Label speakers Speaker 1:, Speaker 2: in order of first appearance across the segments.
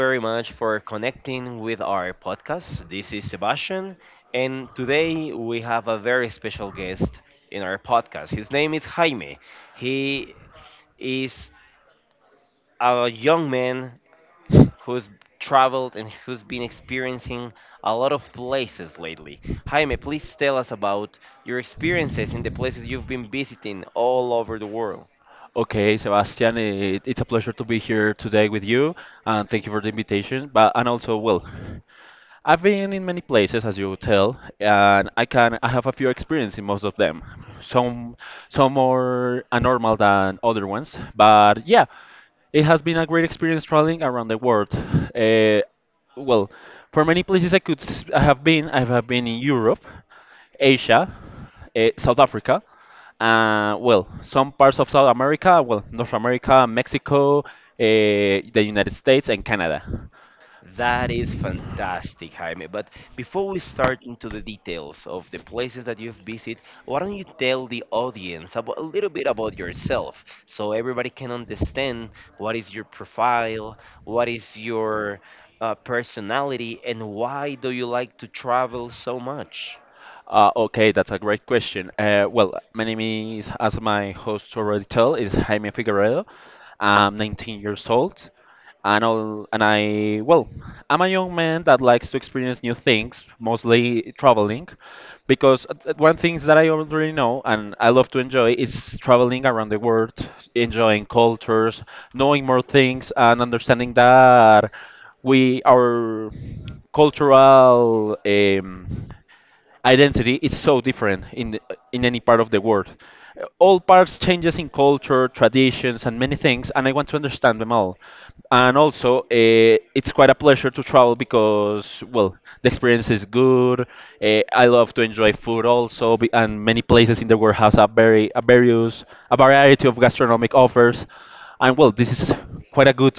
Speaker 1: very much for connecting with our podcast. This is Sebastian, and today we have a very special guest in our podcast. His name is Jaime. He is a young man who's traveled and who's been experiencing a lot of places lately. Jaime, please tell us about your experiences in the places you've been visiting all over the world.
Speaker 2: Okay, Sebastian, it's a pleasure to be here today with you, and thank you for the invitation. But and also, well, I've been in many places, as you tell, and I have a few experience in most of them. Some some more abnormal than other ones, but yeah, it has been a great experience traveling around the world. Eh, well, for many places I could s- I have been in Europe, Asia, South Africa. Some parts of South America, well, North America, Mexico, the United States, and Canada.
Speaker 1: That is fantastic, Jaime. But before we start into the details of the places that you've visited, why don't you tell the audience about, a little bit about yourself so everybody can understand what is your profile, what is your personality, and why do you like to travel so much?
Speaker 2: Okay, that's a great question. My name is, as my host already told, is Jaime Figueredo. I'm 19 years old, and all, and I, well, I'm a young man that likes to experience new things, mostly traveling, because one thing that I already know and I love to enjoy is traveling around the world, enjoying cultures, knowing more things, and understanding that we our cultural. Identity is so different in any part of the world. All parts changes in culture, traditions, and many things, and I want to understand them all. And also, it's quite a pleasure to travel because, well, the experience is good. I love to enjoy food also, and many places in the world has a very a various a variety of gastronomic offers, and well, this is quite a good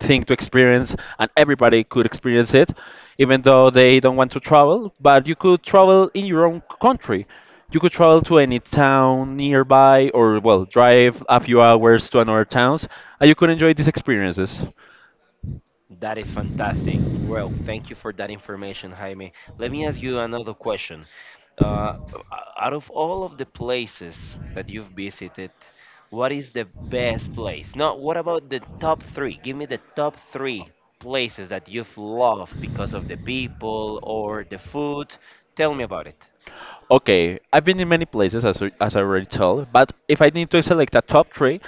Speaker 2: thing to experience, and everybody could experience it even though they don't want to travel. But you could travel in your own country, you could travel to any town nearby, or well, drive a few hours to another towns, and you could enjoy these experiences.
Speaker 1: That is fantastic. Well, thank you for that information, Jaime. Let me ask you another question. Uh, out of all of the places that you've visited, what is the best place? No, what about the top three? Give me the top three places that you've loved because of the people or the food. Tell me about it.
Speaker 2: Okay, I've been in many places, as I already told, but if I need to select a top three,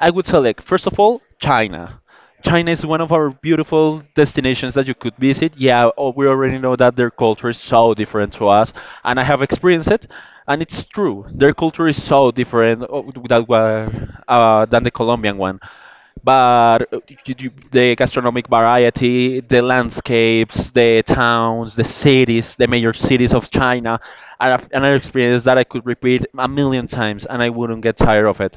Speaker 2: I would select first of all China. China is one of our beautiful destinations that you could visit. Yeah, we already know that their culture is so different to us, and I have experienced it, and it's true. Their culture is so different than the Colombian one, but the gastronomic variety, the landscapes, the towns, the cities, the major cities of China are a- another experience that I could repeat a million times and I wouldn't get tired of it.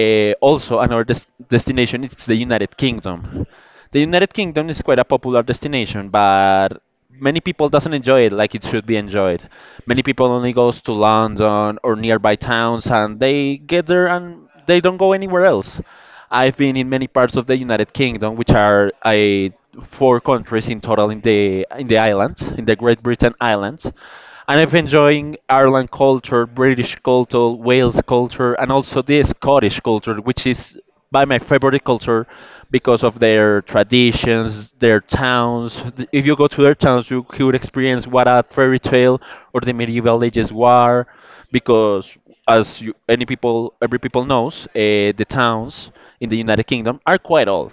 Speaker 2: Also, another destination is the United Kingdom. The United Kingdom is quite a popular destination, but many people doesn't enjoy it like it should be enjoyed. Many people only goes to London or nearby towns and they get there and they don't go anywhere else. I've been in many parts of the United Kingdom, which are four countries in total in the islands, in the Great Britain islands, and I've enjoying Ireland culture, British culture, Wales culture, and also the Scottish culture, which is by my favorite culture because of their traditions, their towns. If you go to their towns, you could experience what a fairy tale or the medieval ages were, because as you, any people, every people knows, the towns in the United Kingdom are quite old,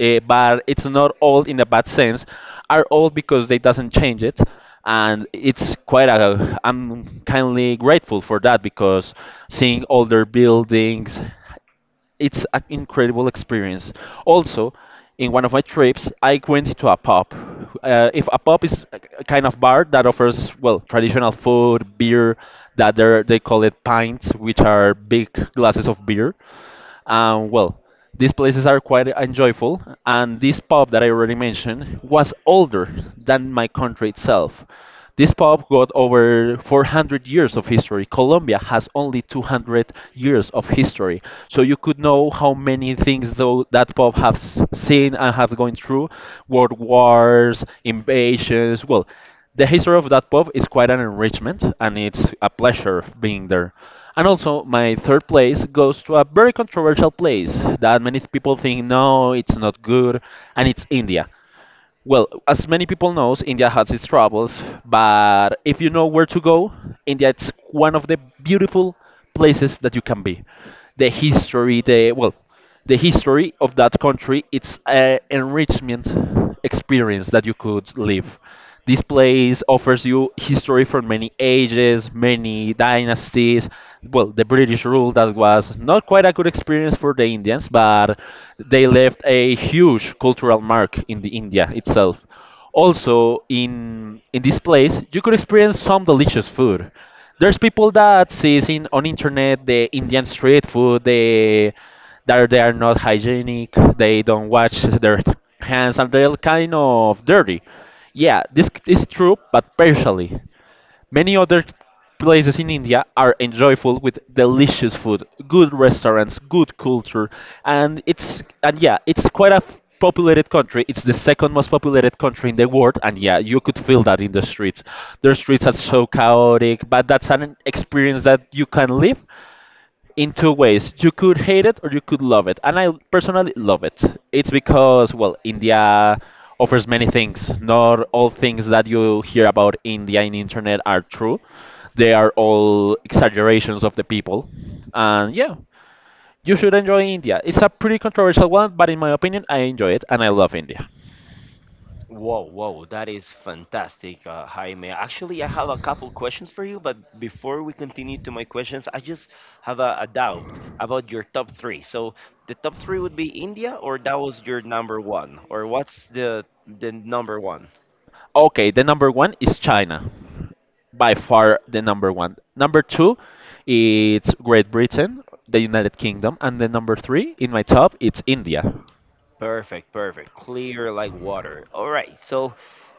Speaker 2: but it's not old in a bad sense. Are old because they doesn't change it, and it's quite a. I'm kindly grateful for that, because seeing older buildings, it's an incredible experience. Also, in one of my trips, I went to a pub. If a pub is a kind of bar that offers, well, traditional food, beer, that they call it pints, which are big glasses of beer. Well, these places are quite enjoyable, and this pub that I already mentioned was older than my country itself. This pub got over 400 years of history. Colombia has only 200 years of history, so you could know how many things though that pub has seen and have gone through: world wars, invasions. Well, the history of that pub is quite an enrichment, and it's a pleasure being there. And also, my third place goes to a very controversial place that many people think no, it's not good, and it's India. Well, as many people knows, India has its troubles, but if you know where to go, India, it's one of the beautiful places that you can be. The history, the well, the history of that country, it's an enrichment experience that you could live. This place offers you history from many ages, many dynasties. Well, the British rule that was not quite a good experience for the Indians, but they left a huge cultural mark in the India itself. Also, in this place, you could experience some delicious food. There's people that sees in on internet the Indian street food, they are not hygienic, they don't wash their hands, and they're kind of dirty. Yeah, this c- is true, but partially. Many other places in India are enjoyable with delicious food, good restaurants, good culture, and yeah, it's quite a populated country. It's the second most populated country in the world, and yeah, you could feel that in the streets. Their streets are so chaotic, but that's an experience that you can live in two ways. You could hate it or you could love it, and I personally love it. It's because, well, India offers many things. Not all things that you hear about India in internet are true. They are all exaggerations of the people. And yeah, you should enjoy India. It's a pretty controversial one, but in my opinion, I enjoy it and I love India.
Speaker 1: Whoa, whoa, that is fantastic, Jaime. Actually, I have a couple questions for you, but before we continue to my questions, I just have a doubt about your top three. So the top three would be India, or that was your number one, or what's the number one?
Speaker 2: Okay, the number one is China, by far the number one. Number two, it's Great Britain, the United Kingdom, and the number three in my top, it's India.
Speaker 1: Perfect, perfect. Clear like water. All right. So,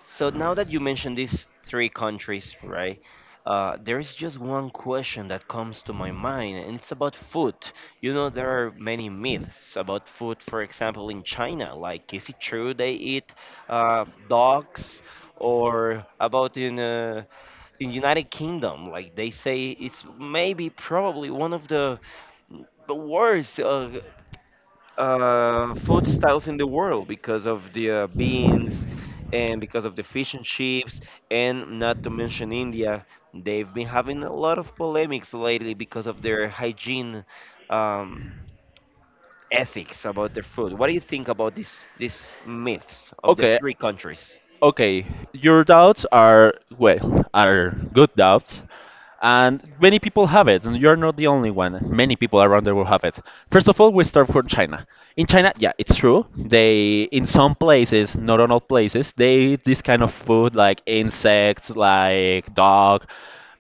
Speaker 1: so now that you mentioned these three countries, right? There is just one question that comes to my mind, and it's about food. There are many myths about food. For example, in China, like is it true they eat dogs, or about in in United Kingdom, like they say it's maybe probably one of the worst food styles in the world because of the beans and because of the fish and chips, and not to mention India. They've been having a lot of polemics lately because of their hygiene um, ethics about their food. What do you think about this these myths of the
Speaker 2: Okay,
Speaker 1: three countries?
Speaker 2: Okay, your doubts are, well, are good doubts, and many people have it, and you're not the only one. Many people around the world have it. First of all, we start from China. In China, yeah, it's true. They, in some places, not on all places, they eat this kind of food like insects, like dog.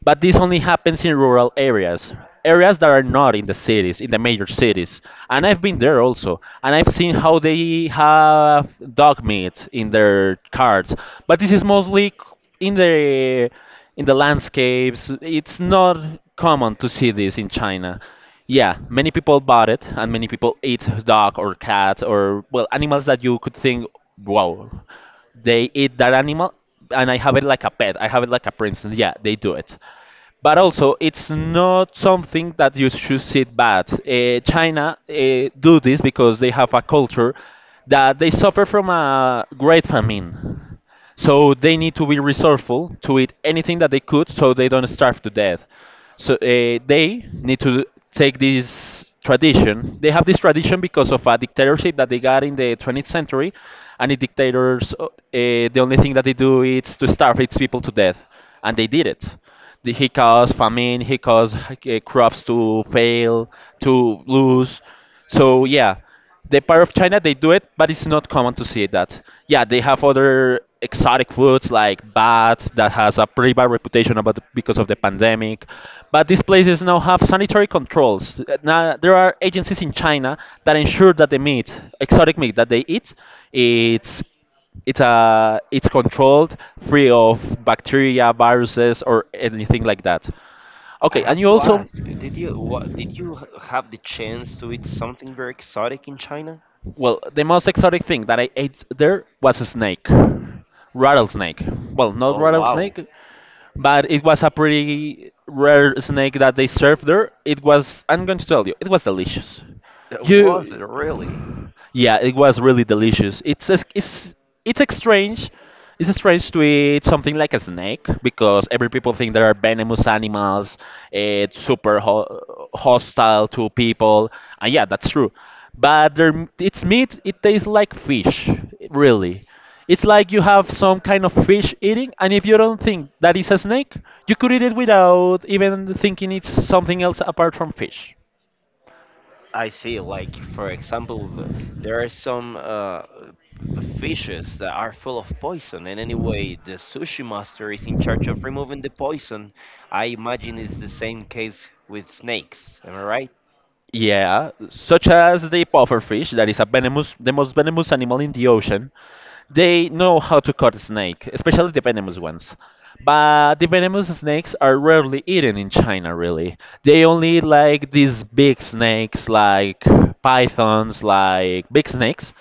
Speaker 2: But this only happens in rural areas, areas that are not in the cities, in the major cities. And I've been there also, and I've seen how they have dog meat in their carts. But this is mostly c- in the in the landscapes. It's not common to see this in China. Yeah, many people bought it, and many people eat dog or cat or well animals that you could think, wow, they eat that animal and I have it like a pet. I have it like a princess. Yeah, they do it. But also, it's not something that you should see bad. China do this because they have a culture that they suffer from a great famine. So they need to be resourceful to eat anything that they could so they don't starve to death. So they need to take this tradition. They have this tradition because of a dictatorship that they got in the 20th century, and the dictators, the only thing that they do is to starve its people to death, and they did it. He caused famine, he caused crops to fail, to lose. So yeah, the part of China they do it, but it's not common to see that. Yeah, they have other exotic foods like bat that has a pretty bad reputation about the, because of the pandemic. But these places now have sanitary controls. Now there are agencies in China that ensure that the meat, exotic meat that they eat, it's it's controlled, free of bacteria, viruses, or anything like that.
Speaker 1: I
Speaker 2: Okay,
Speaker 1: have
Speaker 2: and you
Speaker 1: to
Speaker 2: also,
Speaker 1: ask, did you have the chance to eat something very exotic in China?
Speaker 2: well, the most exotic thing that I ate there was a snake, rattlesnake. Well, not
Speaker 1: Oh wow,
Speaker 2: rattlesnake, but it was a pretty rare snake that they served there. It was, I'm going to tell you, it was delicious.
Speaker 1: that was it
Speaker 2: You,
Speaker 1: really?
Speaker 2: yeah, it was really delicious. It's a, it's it's a strange. It's strange to eat something like a snake because every people think they are venomous animals. It's super ho hostile to people, and yeah, that's true. But its meat, it tastes like fish, really. It's like you have some kind of fish eating, and if you don't think that is a snake, you could eat it without even thinking it's something else apart from fish.
Speaker 1: I see, like for example, there are some fishes that are full of poison, and anyway, the sushi master is in charge of removing the poison. I imagine it's the same case with snakes. Am I right?
Speaker 2: Yeah, such as the pufferfish, that is a venomous, the most venomous animal in the ocean. They know how to cut a snake, especially the venomous ones. But the venomous snakes are rarely eaten in China, really. They only eat like these big snakes, like pythons, like big snakes,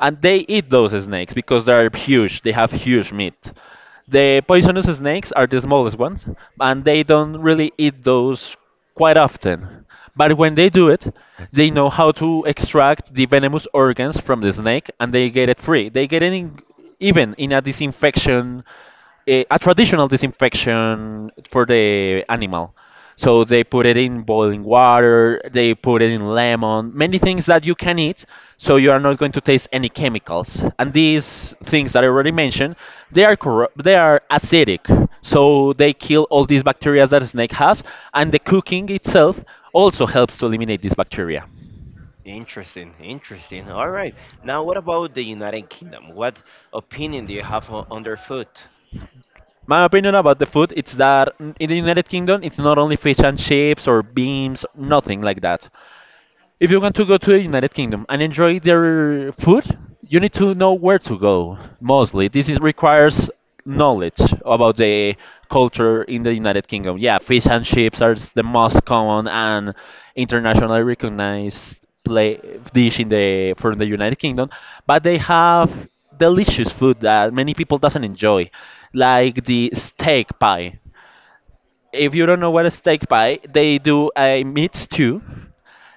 Speaker 2: and they eat those snakes because they are huge. They have huge meat. The poisonous snakes are the smallest ones, and they don't really eat those quite often. But when they do it, they know how to extract the venomous organs from the snake, and they get it free. They get it in, even in a disinfection a traditional disinfection for the animal. So they put it in boiling water, they put it in lemon, many things that you can eat, so you are not going to taste any chemicals. And these things that I already mentioned, they are acidic, so they kill all these bacteria that a snake has, and the cooking itself also helps to eliminate these bacteria.
Speaker 1: Interesting, interesting. All right. Now, what about the United Kingdom? What opinion do you have on their food?
Speaker 2: My opinion about the food, it's that in the United Kingdom it's not only fish and chips or beans, nothing like that. If you want to go to the United Kingdom and enjoy their food, you need to know where to go. Mostly, requires knowledge about the culture in the United Kingdom. Yeah, fish and chips are the most common and internationally recognized play, dish in the from the United Kingdom, but they have delicious food that many people doesn't enjoy, like the steak pie. If you don't know what a steak pie, they do a meat stew,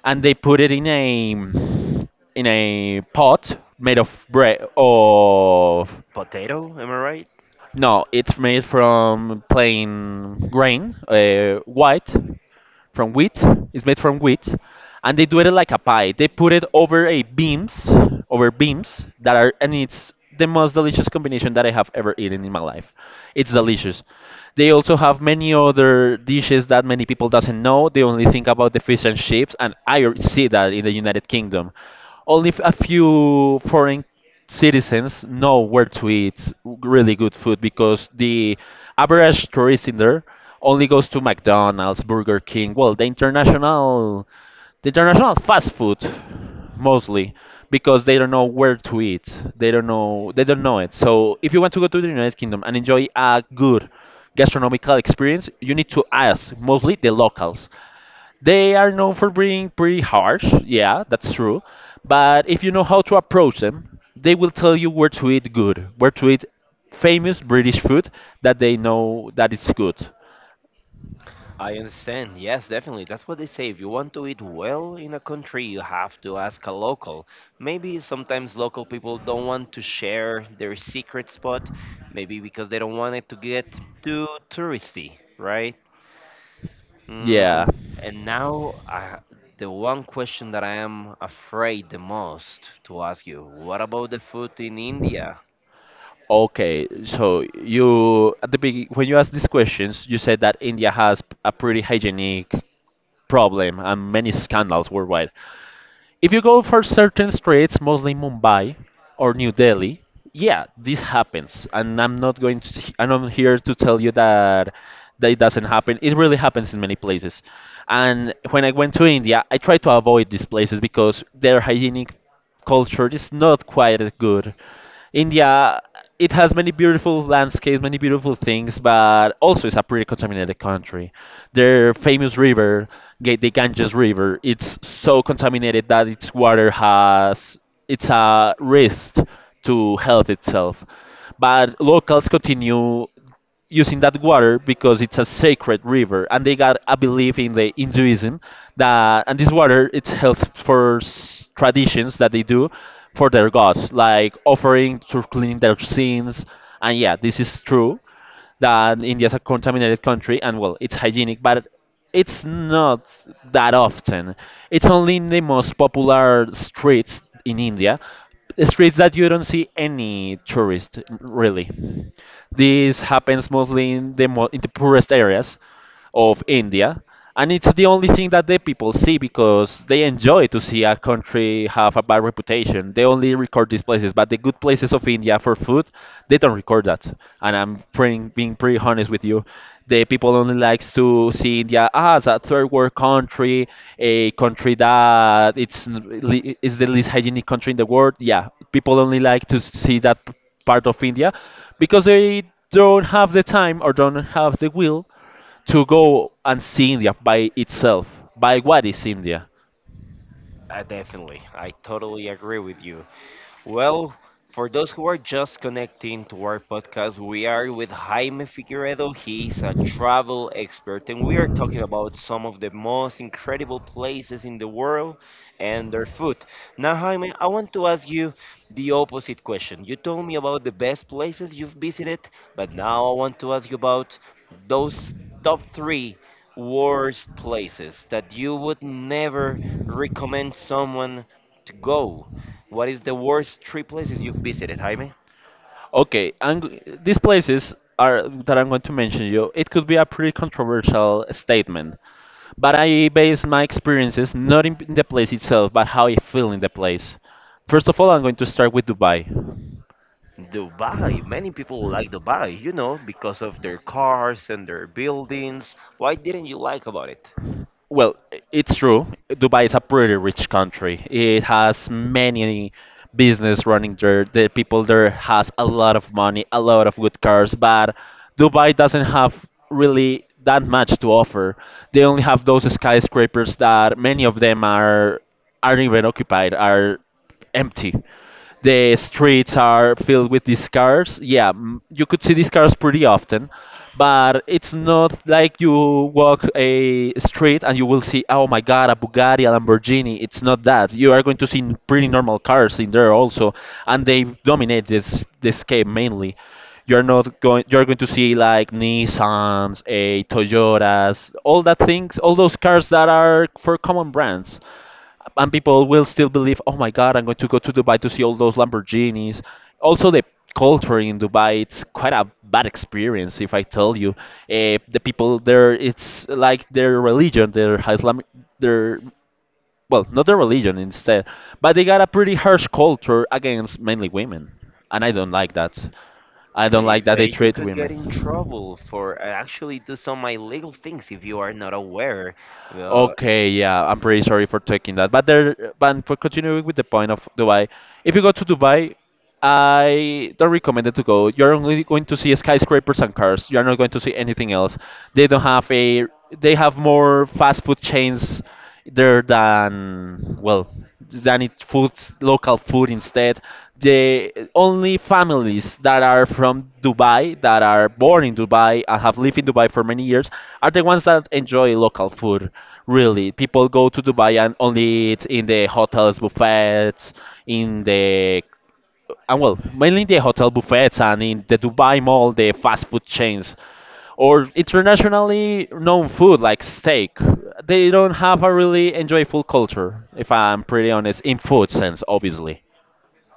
Speaker 2: and they put it in a pot made of bread, of
Speaker 1: Potato? Am I right?
Speaker 2: no, it's made from plain grain, white, from wheat. It's made from wheat, and they do it like a pie. They put it over over beams that are, and it's the most delicious combination that I have ever eaten in my life. It's delicious. They also have many other dishes that many people doesn't know. They only think about the fish and chips, and I see that in the United Kingdom. Only a few foreign citizens know where to eat really good food, because the average tourist in there only goes to McDonald's, Burger King, well, the international fast food, mostly because they don't know where to eat. They don't know it. So if you want to go to the United Kingdom and enjoy a good gastronomical experience, you need to ask mostly the locals. They are known for being pretty harsh. Yeah, that's true. But if you know how to approach them, they will tell you where to eat good, where to eat famous British food that they know that it's good.
Speaker 1: I understand. Yes, definitely. That's what they say. If you want to eat well in a country, you have to ask a local. Maybe sometimes local people don't want to share their secret spot, maybe because they don't want it to get too touristy, right?
Speaker 2: Yeah.
Speaker 1: Mm, and now, the one question that I am afraid the most to ask you, what about the food in India?
Speaker 2: Okay, so you at the big when you asked these questions, you said that India has a pretty hygienic problem and many scandals worldwide. If you go for certain streets, mostly Mumbai or New Delhi, yeah, this happens, and I'm not going to, and I'm here to tell you that it doesn't happen. It really happens in many places. And when I went to India, I tried to avoid these places because they're hygienic culture is not quite as good. India, it has many beautiful landscapes, many beautiful things, but also it's a pretty contaminated country. Their famous river, the Ganges River, it's so contaminated that its water has, it's a risk to health itself. But locals continue using that water because it's a sacred river, and they got a belief in the Hinduism that, and this water, it's held for traditions that they do for their gods, like offering to clean their sins. And yeah, this is true that India is a contaminated country, and well, it's hygienic, but it's not that often. It's only in the most popular streets in India, streets that you don't see any tourist, really. This happens mostly in the in the poorest areas of India, and it's the only thing that the people see because they enjoy to see a country have a bad reputation. They only record these places, but the good places of India for food, they don't record that. And being pretty honest with you, the people only likes to see India as a third world country, a country that is the least hygienic country in the world. Yeah, people only like to see that part of India because they don't have the time or don't have the will to go and see India by itself, by what is India.
Speaker 1: Definitely. I totally agree with you. Well, for those who are just connecting to our podcast, we are with Jaime Figueredo. He's a travel expert, and we are talking about some of the most incredible places in the world and their food. Now, Jaime, I want to ask you the opposite question. You told me about the best places you've visited, but now I want to ask you about those top three worst places that you would never recommend someone to go? What is the worst three places you've visited, Jaime?
Speaker 2: Okay, and these places are that I'm going to mention you. It could be a pretty controversial statement, but I base my experiences not in the place itself, but how I feel in the place. First of all, I'm going to start with Dubai.
Speaker 1: Dubai. Many people like Dubai, because of their cars and their buildings. Why didn't you like about it?
Speaker 2: Well, it's true. Dubai is a pretty rich country. It has many business running there. The people there has a lot of money, a lot of good cars, but Dubai doesn't have really that much to offer. They only have those skyscrapers that many of them aren't even occupied, are empty. The streets are filled with these cars. Yeah, you could see these cars pretty often, but it's not like you walk a street and you will see, oh my God, a Bugatti, a Lamborghini. It's not that. You are going to see pretty normal cars in there also, and they dominate this game. Mainly, you're not going, you're going to see like Nissans, a Toyotas, all that things, all those cars that are for common brands, and people will still believe, oh my God, I'm going to go to Dubai to see all those Lamborghinis. Also, the culture in Dubai, it's quite a bad experience, if I tell you. The people there, it's like their religion, their Islam, their, well, not their religion instead, but they got a pretty harsh culture against mainly women. And I don't like that. I don't
Speaker 1: They
Speaker 2: like that they
Speaker 1: say you
Speaker 2: treat
Speaker 1: could get in
Speaker 2: women.
Speaker 1: trouble for actually do some illegal things if you are not aware. Uh,
Speaker 2: Okay, yeah, I'm pretty sorry for taking that. But for continuing with the point of Dubai, if you go to Dubai, I don't recommend it to go. You're only going to see skyscrapers and cars. You're not going to see anything else. They don't have a. They have more fast food chains there than, well, than it food, local food instead. The only families that are from Dubai, that are born in Dubai and have lived in Dubai for many years, are the ones that enjoy local food. Really, people go to Dubai and only eat in the hotels buffets, in the and well, mainly the hotel buffets and in the Dubai Mall, the fast food chains, or internationally known food like steak. They don't have a really enjoyable culture, if I'm pretty honest, in food sense, obviously.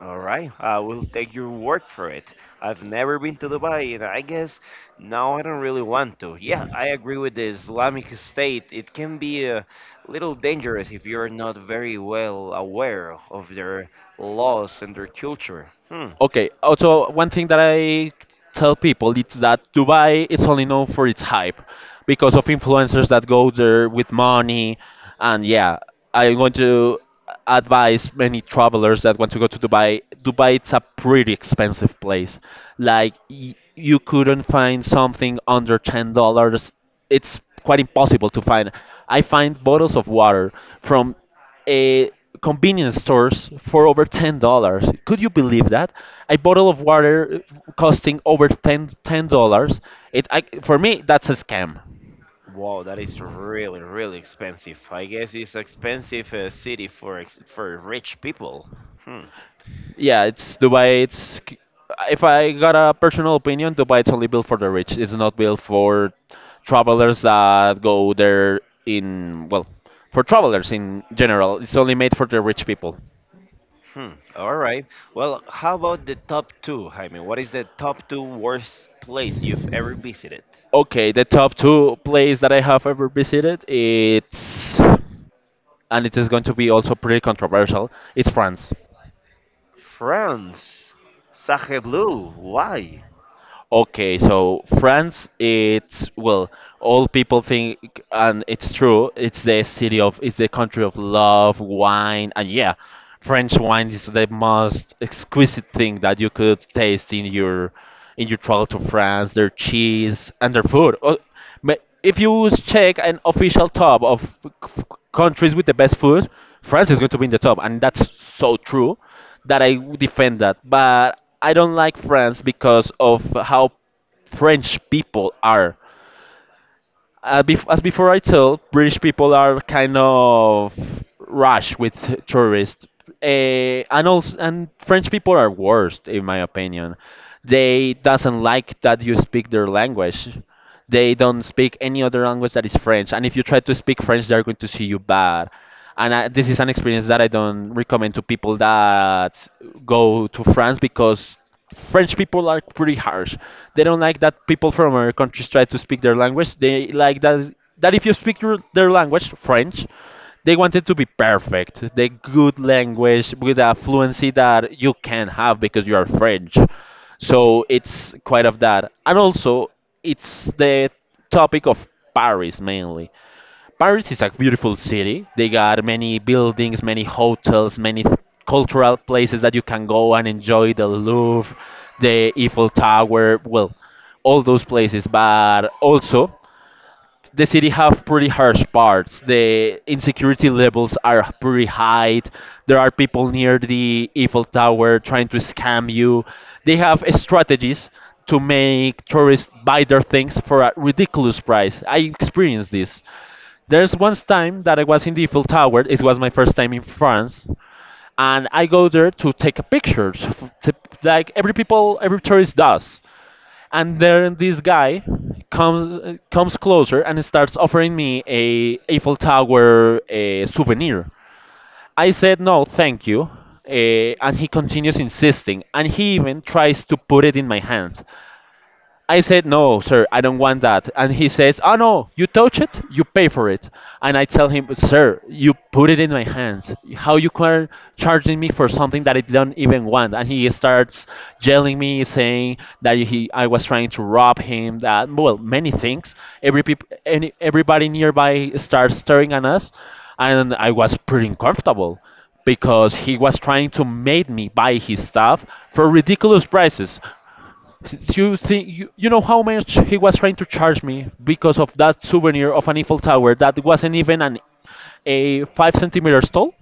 Speaker 1: All right, I will take your word for it. I've never been to Dubai, and I guess now I don't really want to. Yeah, I agree with the Islamic State. It can be a little dangerous if you're not very well aware of their laws and their culture. Hmm.
Speaker 2: Okay. Also, one thing that I tell people, it's that Dubai, it's only known for its hype because of influencers that go there with money, and yeah, I'm going to advise many travelers that want to go to Dubai. Dubai, it's a pretty expensive place. Like you couldn't find something under $10. It's quite impossible to find. I find bottles of water from a convenience stores for over $10. Could you believe that? A bottle of water costing over ten dollars. For me that's a scam.
Speaker 1: Wow, that is really, really expensive. I guess it's expensive city for rich people. Hmm.
Speaker 2: Yeah, it's Dubai. If I got a personal opinion, Dubai, it's only built for the rich. It's not built for travelers that go there in well, for travelers in general. It's only made for the rich people.
Speaker 1: Hmm. All right. Well, how about the top two, Jaime? What is the top two worst place you've ever visited?
Speaker 2: Okay, the top two place that I have ever visited, it's, and it is going to be also pretty controversial. It's France.
Speaker 1: France. Sacre Bleu. Why?
Speaker 2: Okay, so France, it's, well, all people think, and it's true. It's the city of, it's the country of love, wine, and yeah, French wine is the most exquisite thing that you could taste in your travel to France. Their cheese and their food. Oh, but if you check an official top of countries with the best food, France is going to be in the top, and that's so true that I would defend that. But I don't like France because of how French people are, as before I told, British people are kind of rash with tourists, and also and French people are worst in my opinion. They doesn't like that you speak their language. They don't speak any other language that is French, and if you try to speak French, they're going to see you bad. This is an experience that I don't recommend to people that go to France, because French people are pretty harsh. They don't like that people from other countries try to speak their language. They like that if you speak your, their language, French, they want it to be perfect, the good language with a fluency that you can have because you are French. So it's quite of that, and also it's the topic of Paris mainly. Paris is a beautiful city. They got many buildings, many hotels, many cultural places that you can go and enjoy, the Louvre, the Eiffel Tower, well, all those places. But also, the city have pretty harsh parts. The insecurity levels are pretty high. There are people near the Eiffel Tower trying to scam you. They have strategies to make tourists buy their things for a ridiculous price. I experienced this. There's once time that I was in the Eiffel Tower. It was my first time in France, and I go there to take a picture, to, like every people, every tourist does. And then this guy comes closer and starts offering me a Eiffel Tower a souvenir. I said no, thank you, and he continues insisting, and he even tries to put it in my hand. I said, no, sir, I don't want that. And he says, oh no, you touch it, you pay for it. And I tell him, sir, you put it in my hands. How you are charging me for something that I don't even want? And he starts yelling me, saying that I was trying to rob him, that, well, many things. Everybody nearby starts staring at us. And I was pretty uncomfortable because he was trying to make me buy his stuff for ridiculous prices. You think you know how much he was trying to charge me because of that souvenir of an Eiffel Tower that wasn't even an a 5 centimeters tall.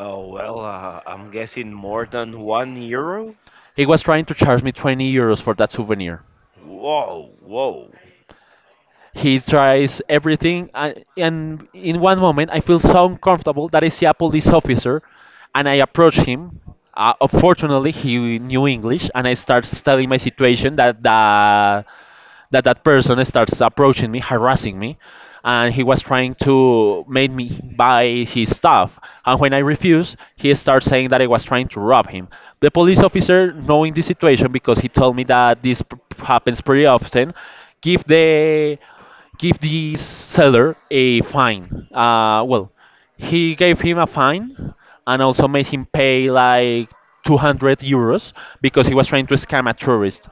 Speaker 1: Oh, well, I'm guessing more than €1?
Speaker 2: He was trying to charge me €20 for that souvenir.
Speaker 1: Whoa, whoa,
Speaker 2: He tries everything, and in one moment I feel so uncomfortable that I see a police officer, and I approach him. Unfortunately, he knew English, and I start telling my situation that the that that person starts approaching me, harassing me, and he was trying to make me buy his stuff. And when I refused, he starts saying that I was trying to rob him. The police officer, knowing the situation, because he told me that this happens pretty often, give the give this seller a fine. Well, he gave him a fine and also made him pay like €200 because he was trying to scam a tourist.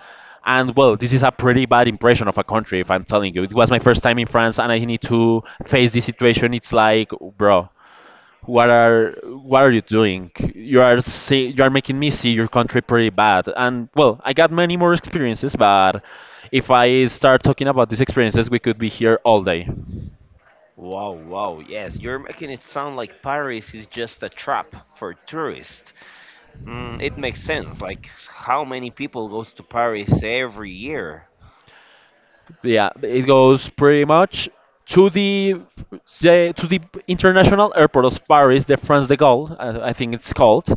Speaker 2: And well, this is a pretty bad impression of a country, if I'm telling you. It was my first time in France and I need to face this situation. It's like, bro, what are you doing? You are making me see your country pretty bad. And well, I got many more experiences, but if I start talking about these experiences, we could be here all day.
Speaker 1: whoa, whoa. Yes, you're making it sound like Paris is just a trap for tourists. It makes sense. Like, how many people goes to Paris every year?
Speaker 2: Yeah, it goes pretty much to the to the international airport of Paris, the France de Gaulle, I think it's called.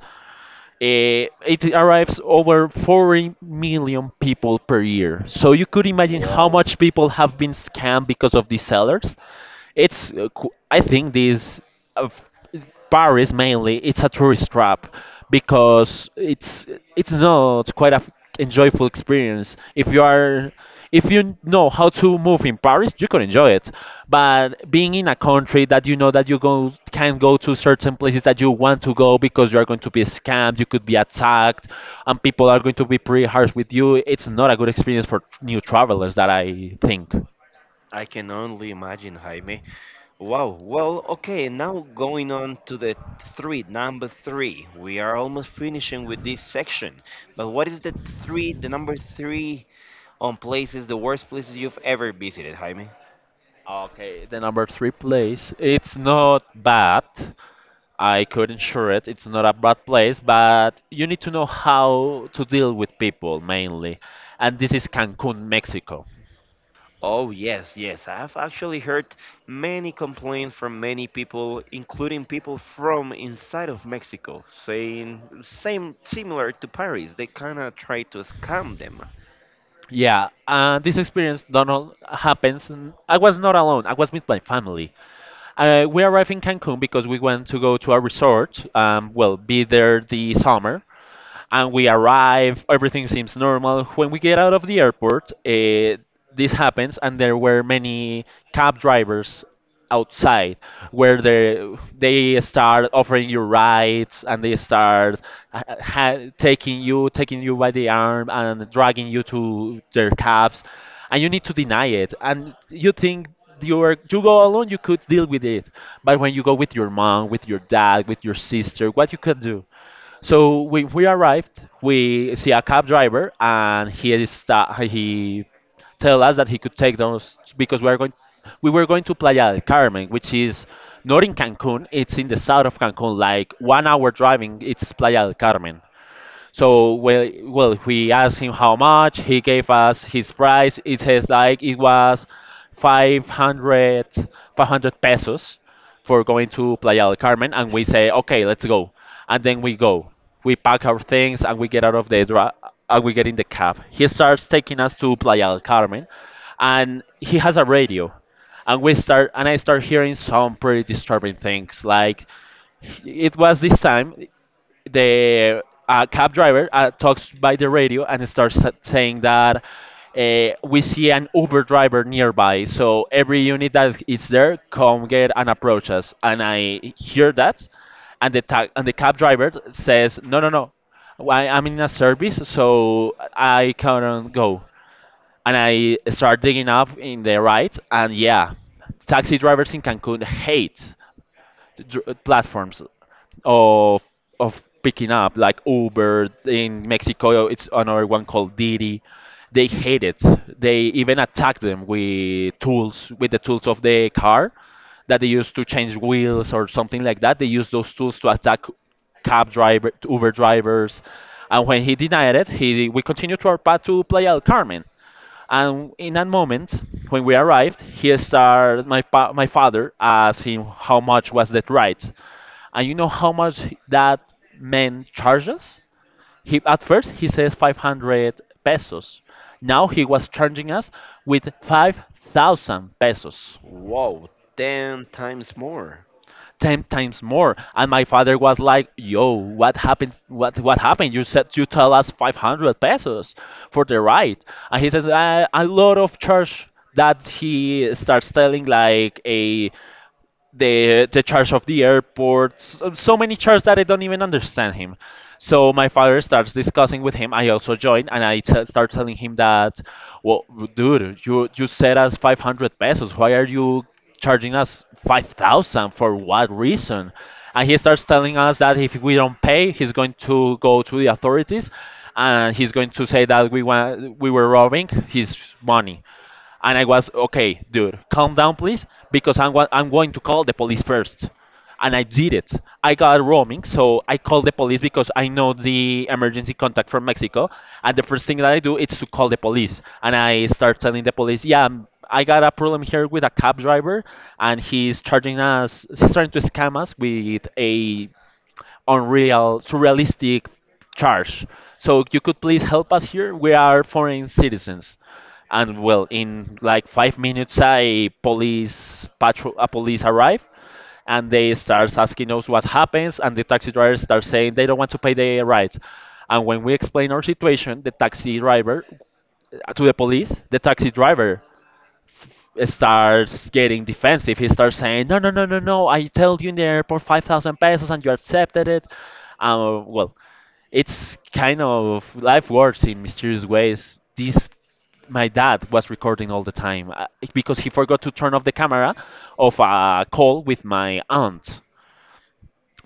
Speaker 2: It arrives over 40 million people per year. So you could imagine how
Speaker 1: Whoa.
Speaker 2: much people have been scammed because of these sellers. It's, I think, this uh, Paris mainly. It's a tourist trap because it's not quite a enjoyable experience if you are if you know how to move in Paris, you can enjoy it. But being in a country that you know that you go can go to certain places that you want to go, because you are going to be scammed, you could be attacked, and people are going to be pretty harsh with you. It's not a good experience for new travelers, that I think.
Speaker 1: I can only imagine, Jaime. Wow. Well, okay. Now going on to the three, number three. We are almost finishing with this section. But what is the three, the number three on places, the worst places you've ever visited, Jaime?
Speaker 2: Okay, the number three place. It's not bad, I could ensure it. It's not a bad place, but you need to know how to deal with people mainly. And this is Cancun, Mexico.
Speaker 1: Oh, yes, yes. I've actually heard many complaints from many people, including people from inside of Mexico, saying same similar to Paris. They kind of try to scam them.
Speaker 2: Yeah, this experience not all happens. I was not alone. I was with my family. We arrived in Cancun because we went to go to a resort. Well, be there the summer, and we arrive. Everything seems normal. When we get out of the airport, this happens, and there were many cab drivers outside where they start offering you rides, and they start ha taking you by the arm and dragging you to their cabs, and you need to deny it. And you think you are, you go alone, you could deal with it, but when you go with your mom, with your dad, with your sister, what you can do? So when we arrived, we see a cab driver, and he tell us that he could take those because we were going to Playa del Carmen, which is not in Cancun. It's in the south of Cancun, like 1 hour driving. It's Playa del Carmen. So well, we asked him how much. He gave us his price. It says like it was 500, 500 pesos for going to Playa del Carmen, and we say, okay, let's go. And then we go. We pack our things and we get out of the and we get in the cab. He starts taking us to Playa del Carmen, and he has a radio, and we start and I start hearing some pretty disturbing things, like it was this time the cab driver talks by the radio and starts saying that, we see an Uber driver nearby, so every unit that is there, come get and approach us. And I hear that, and the cab driver says, "No, no, no, I'm in a service, so I cannot go." And I start digging up in the right, and yeah, taxi drivers in Cancun hate platforms of of picking up, like Uber. In Mexico it's another one called Didi. They hate it. They even attack them with the tools of the car that they use to change wheels or something like that. They use those tools to attack cab driver Uber drivers. And when he denied it, he we continued to our path to Playa del Carmen. And in that moment, when we arrived, he started my pa- my father asked him how much was that ride. And you know how much that man charges? He At first he says 500 pesos. Now he was charging us with 5,000 pesos.
Speaker 1: Whoa, 10 times more.
Speaker 2: 10 times more. And my father was like, "Yo, what happened? What happened? You said, you tell us 500 pesos for the ride." And he says, "A lot of church," that he starts telling like a, the charge of the airport, so many charges that I don't even understand him. So my father starts discussing with him. I also join, and I start telling him that, "Well, dude, you said us 500 pesos. Why are you charging us 5,000 for what reason?" And he starts telling us that if we don't pay, he's going to go to the authorities, and he's going to say that we were robbing his money. And I was, "Okay, dude, calm down, please, because I'm going to call the police first." And I did it. I got roaming, so I called the police because I know the emergency contact from Mexico. And the first thing that I do is to call the police. And I start telling the police, "Yeah, I got a problem here with a cab driver, and he's trying to scam us with a unreal, surrealistic charge. So you could please help us here. We are foreign citizens." And well, in like 5 minutes, a police arrive, and they start asking us what happens, and the taxi drivers start saying they don't want to pay the ride. And when we explain our situation, the taxi driver to the police, the taxi driver starts getting defensive. He starts saying, "No, no, no, no, no! I told you in the airport 5,000 pesos, and you accepted it." Well, it's kind of, life works in mysterious ways. This, my dad was recording all the time because he forgot to turn off the camera of a call with my aunt,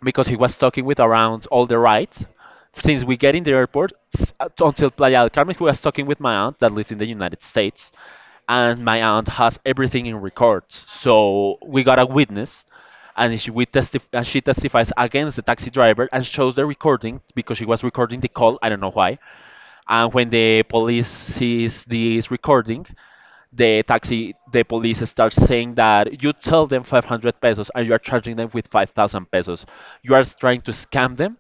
Speaker 2: because he was talking with around all the rides. Since we get in the airport until Playa del Carmen, he was talking with my aunt that lived in the United States, and my aunt has everything in records. So we got a witness, and and she testifies against the taxi driver and shows the recording because she was recording the call. I don't know why. And when the police sees this recording, the police starts saying that, "You tell them 500 pesos and you are charging them with 5,000 pesos. You are trying to scam them."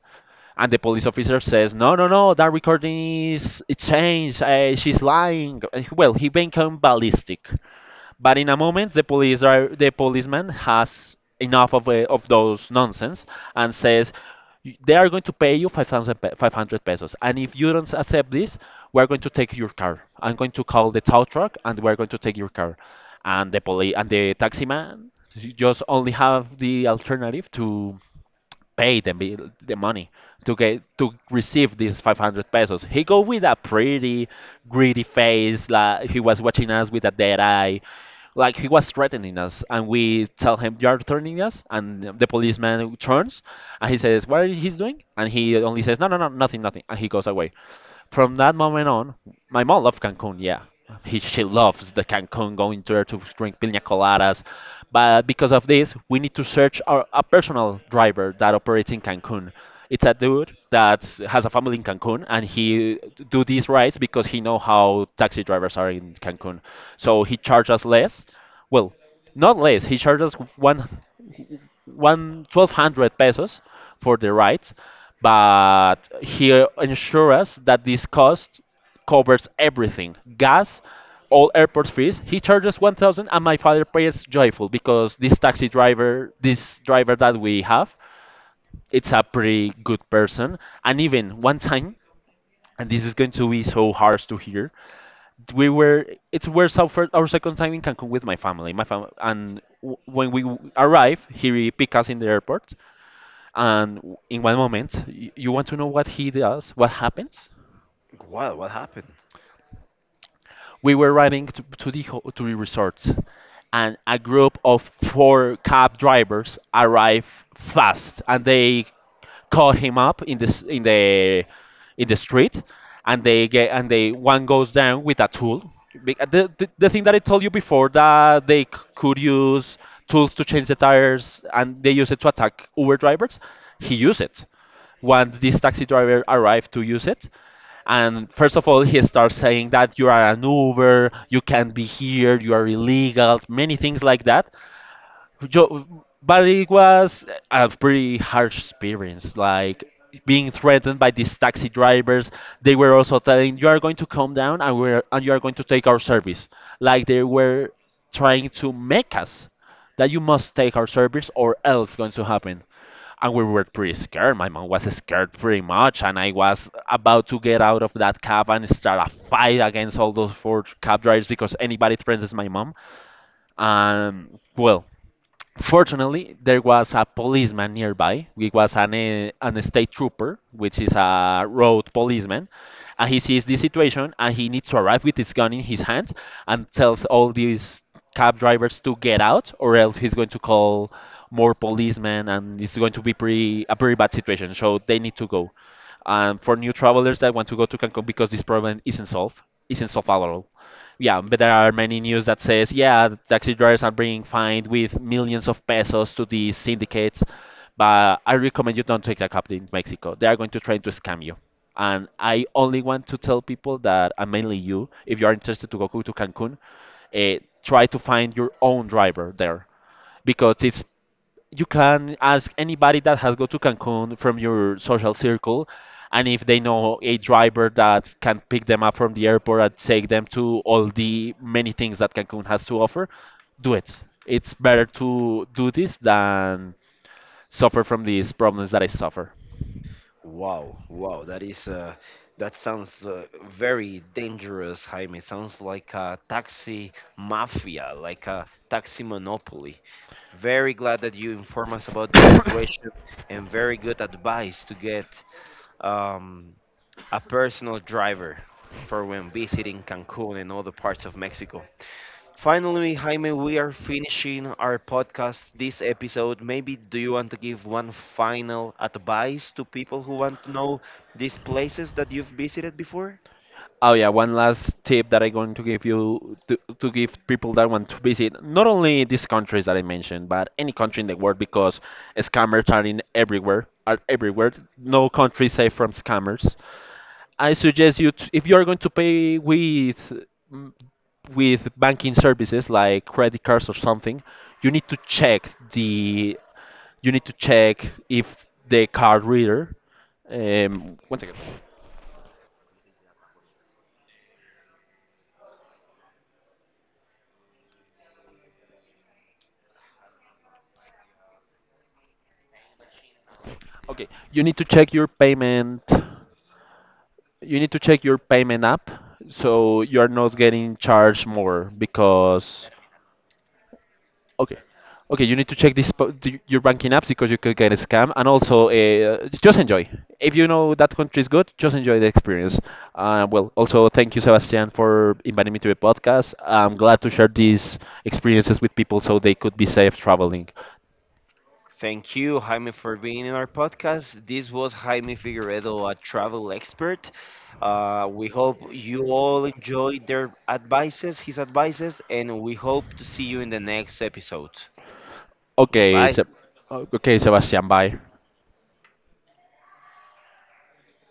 Speaker 2: And the police officer says, "No, no, no, that recording is it changed. She's lying." Well, he became ballistic. But in a moment, the policeman has enough of those nonsense and says, "They are going to pay you 5,500 pesos. And if you don't accept this, we're going to take your car. I'm going to call the tow truck and we're going to take your car." And the police and the taxi man just only have the alternative to pay the bill, the money to get to receive these 500 pesos. He go with a pretty greedy face, like he was watching us with a dead eye, like he was threatening us. And we tell him, "You are threatening us." And the policeman turns, and he says, "What are he's doing?" And he only says, "No, no, no, nothing, nothing." And he goes away. From that moment on, my mom loved Cancun, yeah. She loves the Cancun, going there to drink piña coladas. But because of this, we need to search a personal driver that operates in Cancun. It's a dude that has a family in Cancun, and he do these rides because he know how taxi drivers are in Cancun. So he charges less. Well, not less. He charges one one 1,200 pesos for the ride, but he ensures us that this cost covers everything, gas, all airport fees. He charges 1,000, and my father pays joyful because this taxi driver, this driver that we have, it's a pretty good person. And even one time, and this is going to be so harsh to hear, we were it was our second time in Cancun with my family, and when we arrive, he pick us in the airport. And in one moment, you want to know what he does, what happens?
Speaker 1: Wow, what happened?
Speaker 2: We were riding to, to the resort, and a group of four cab drivers arrived fast, and they caught him up in the street, and they get and they one goes down with a tool. The thing that I told you before, that they could use tools to change the tires and they use it to attack Uber drivers, he used it. Once this taxi driver arrived to use it, and first of all, he starts saying that you are an Uber, you can't be here, you are illegal, many things like that. But it was a pretty harsh experience, like being threatened by these taxi drivers. They were also telling you are going to come down, and you are going to take our service. Like they were trying to make us that you must take our service or else going to happen. And we were pretty scared. My mom was scared pretty much, and I was about to get out of that cab and start a fight against all those four cab drivers because anybody threatens my mom. And well, fortunately, there was a policeman nearby. It was an state trooper, which is a road policeman, and he sees this situation and he needs to arrive with his gun in his hand and tells all these cab drivers to get out, or else he's going to call more policemen and it's going to be pretty a pretty bad situation. So they need to go for new travelers that want to go to Cancun, because this problem isn't solved at all. Yeah, but there are many news that says, yeah, the taxi drivers are being fined with millions of pesos to these syndicates. But I recommend you don't take that cab in Mexico. They are going to try to scam you. And I only want to tell people that, and mainly you, if you are interested to go to Cancun, try to find your own driver there, because it's you can ask anybody that has go to Cancun from your social circle, and if they know a driver that can pick them up from the airport and take them to all the many things that Cancun has to offer, do it. It's better to do this than suffer from these problems that I suffer.
Speaker 1: Wow, wow, that sounds very dangerous, Jaime. Sounds like a taxi mafia, like a taxi monopoly. Very glad that you inform us about this situation and very good advice to get um, a personal driver for when visiting Cancun and other parts of Mexico. Finally, Jaime, we are finishing our podcast this episode. Maybe do you want to give one final advice to people who want to know these places that you've visited before?
Speaker 2: Oh yeah, one last tip that I'm going to give you, to give people that want to visit not only these countries that I mentioned, but any country in the world, because scammers are in everywhere, are everywhere. No country is safe from scammers. I suggest you to, if you are going to pay with mm, with banking services like credit cards or something, you need to check if the card reader. One second. Okay, you need to check your payment. You need to check your payment app so you are not getting charged more, because. Okay, okay, you need to check your banking apps, because you could get a scam. And also, just enjoy. If you know that country is good, just enjoy the experience. Well, also thank you, Sebastian, for inviting me to the podcast. I'm glad to share these experiences with people so they could be safe traveling.
Speaker 1: Thank you, Jaime, for being in our podcast. This was Jaime Figueredo, a travel expert. We hope you all enjoyed his advices, and we hope to see you in the next episode.
Speaker 2: Okay,
Speaker 1: Goodbye.
Speaker 2: Sebastian, bye.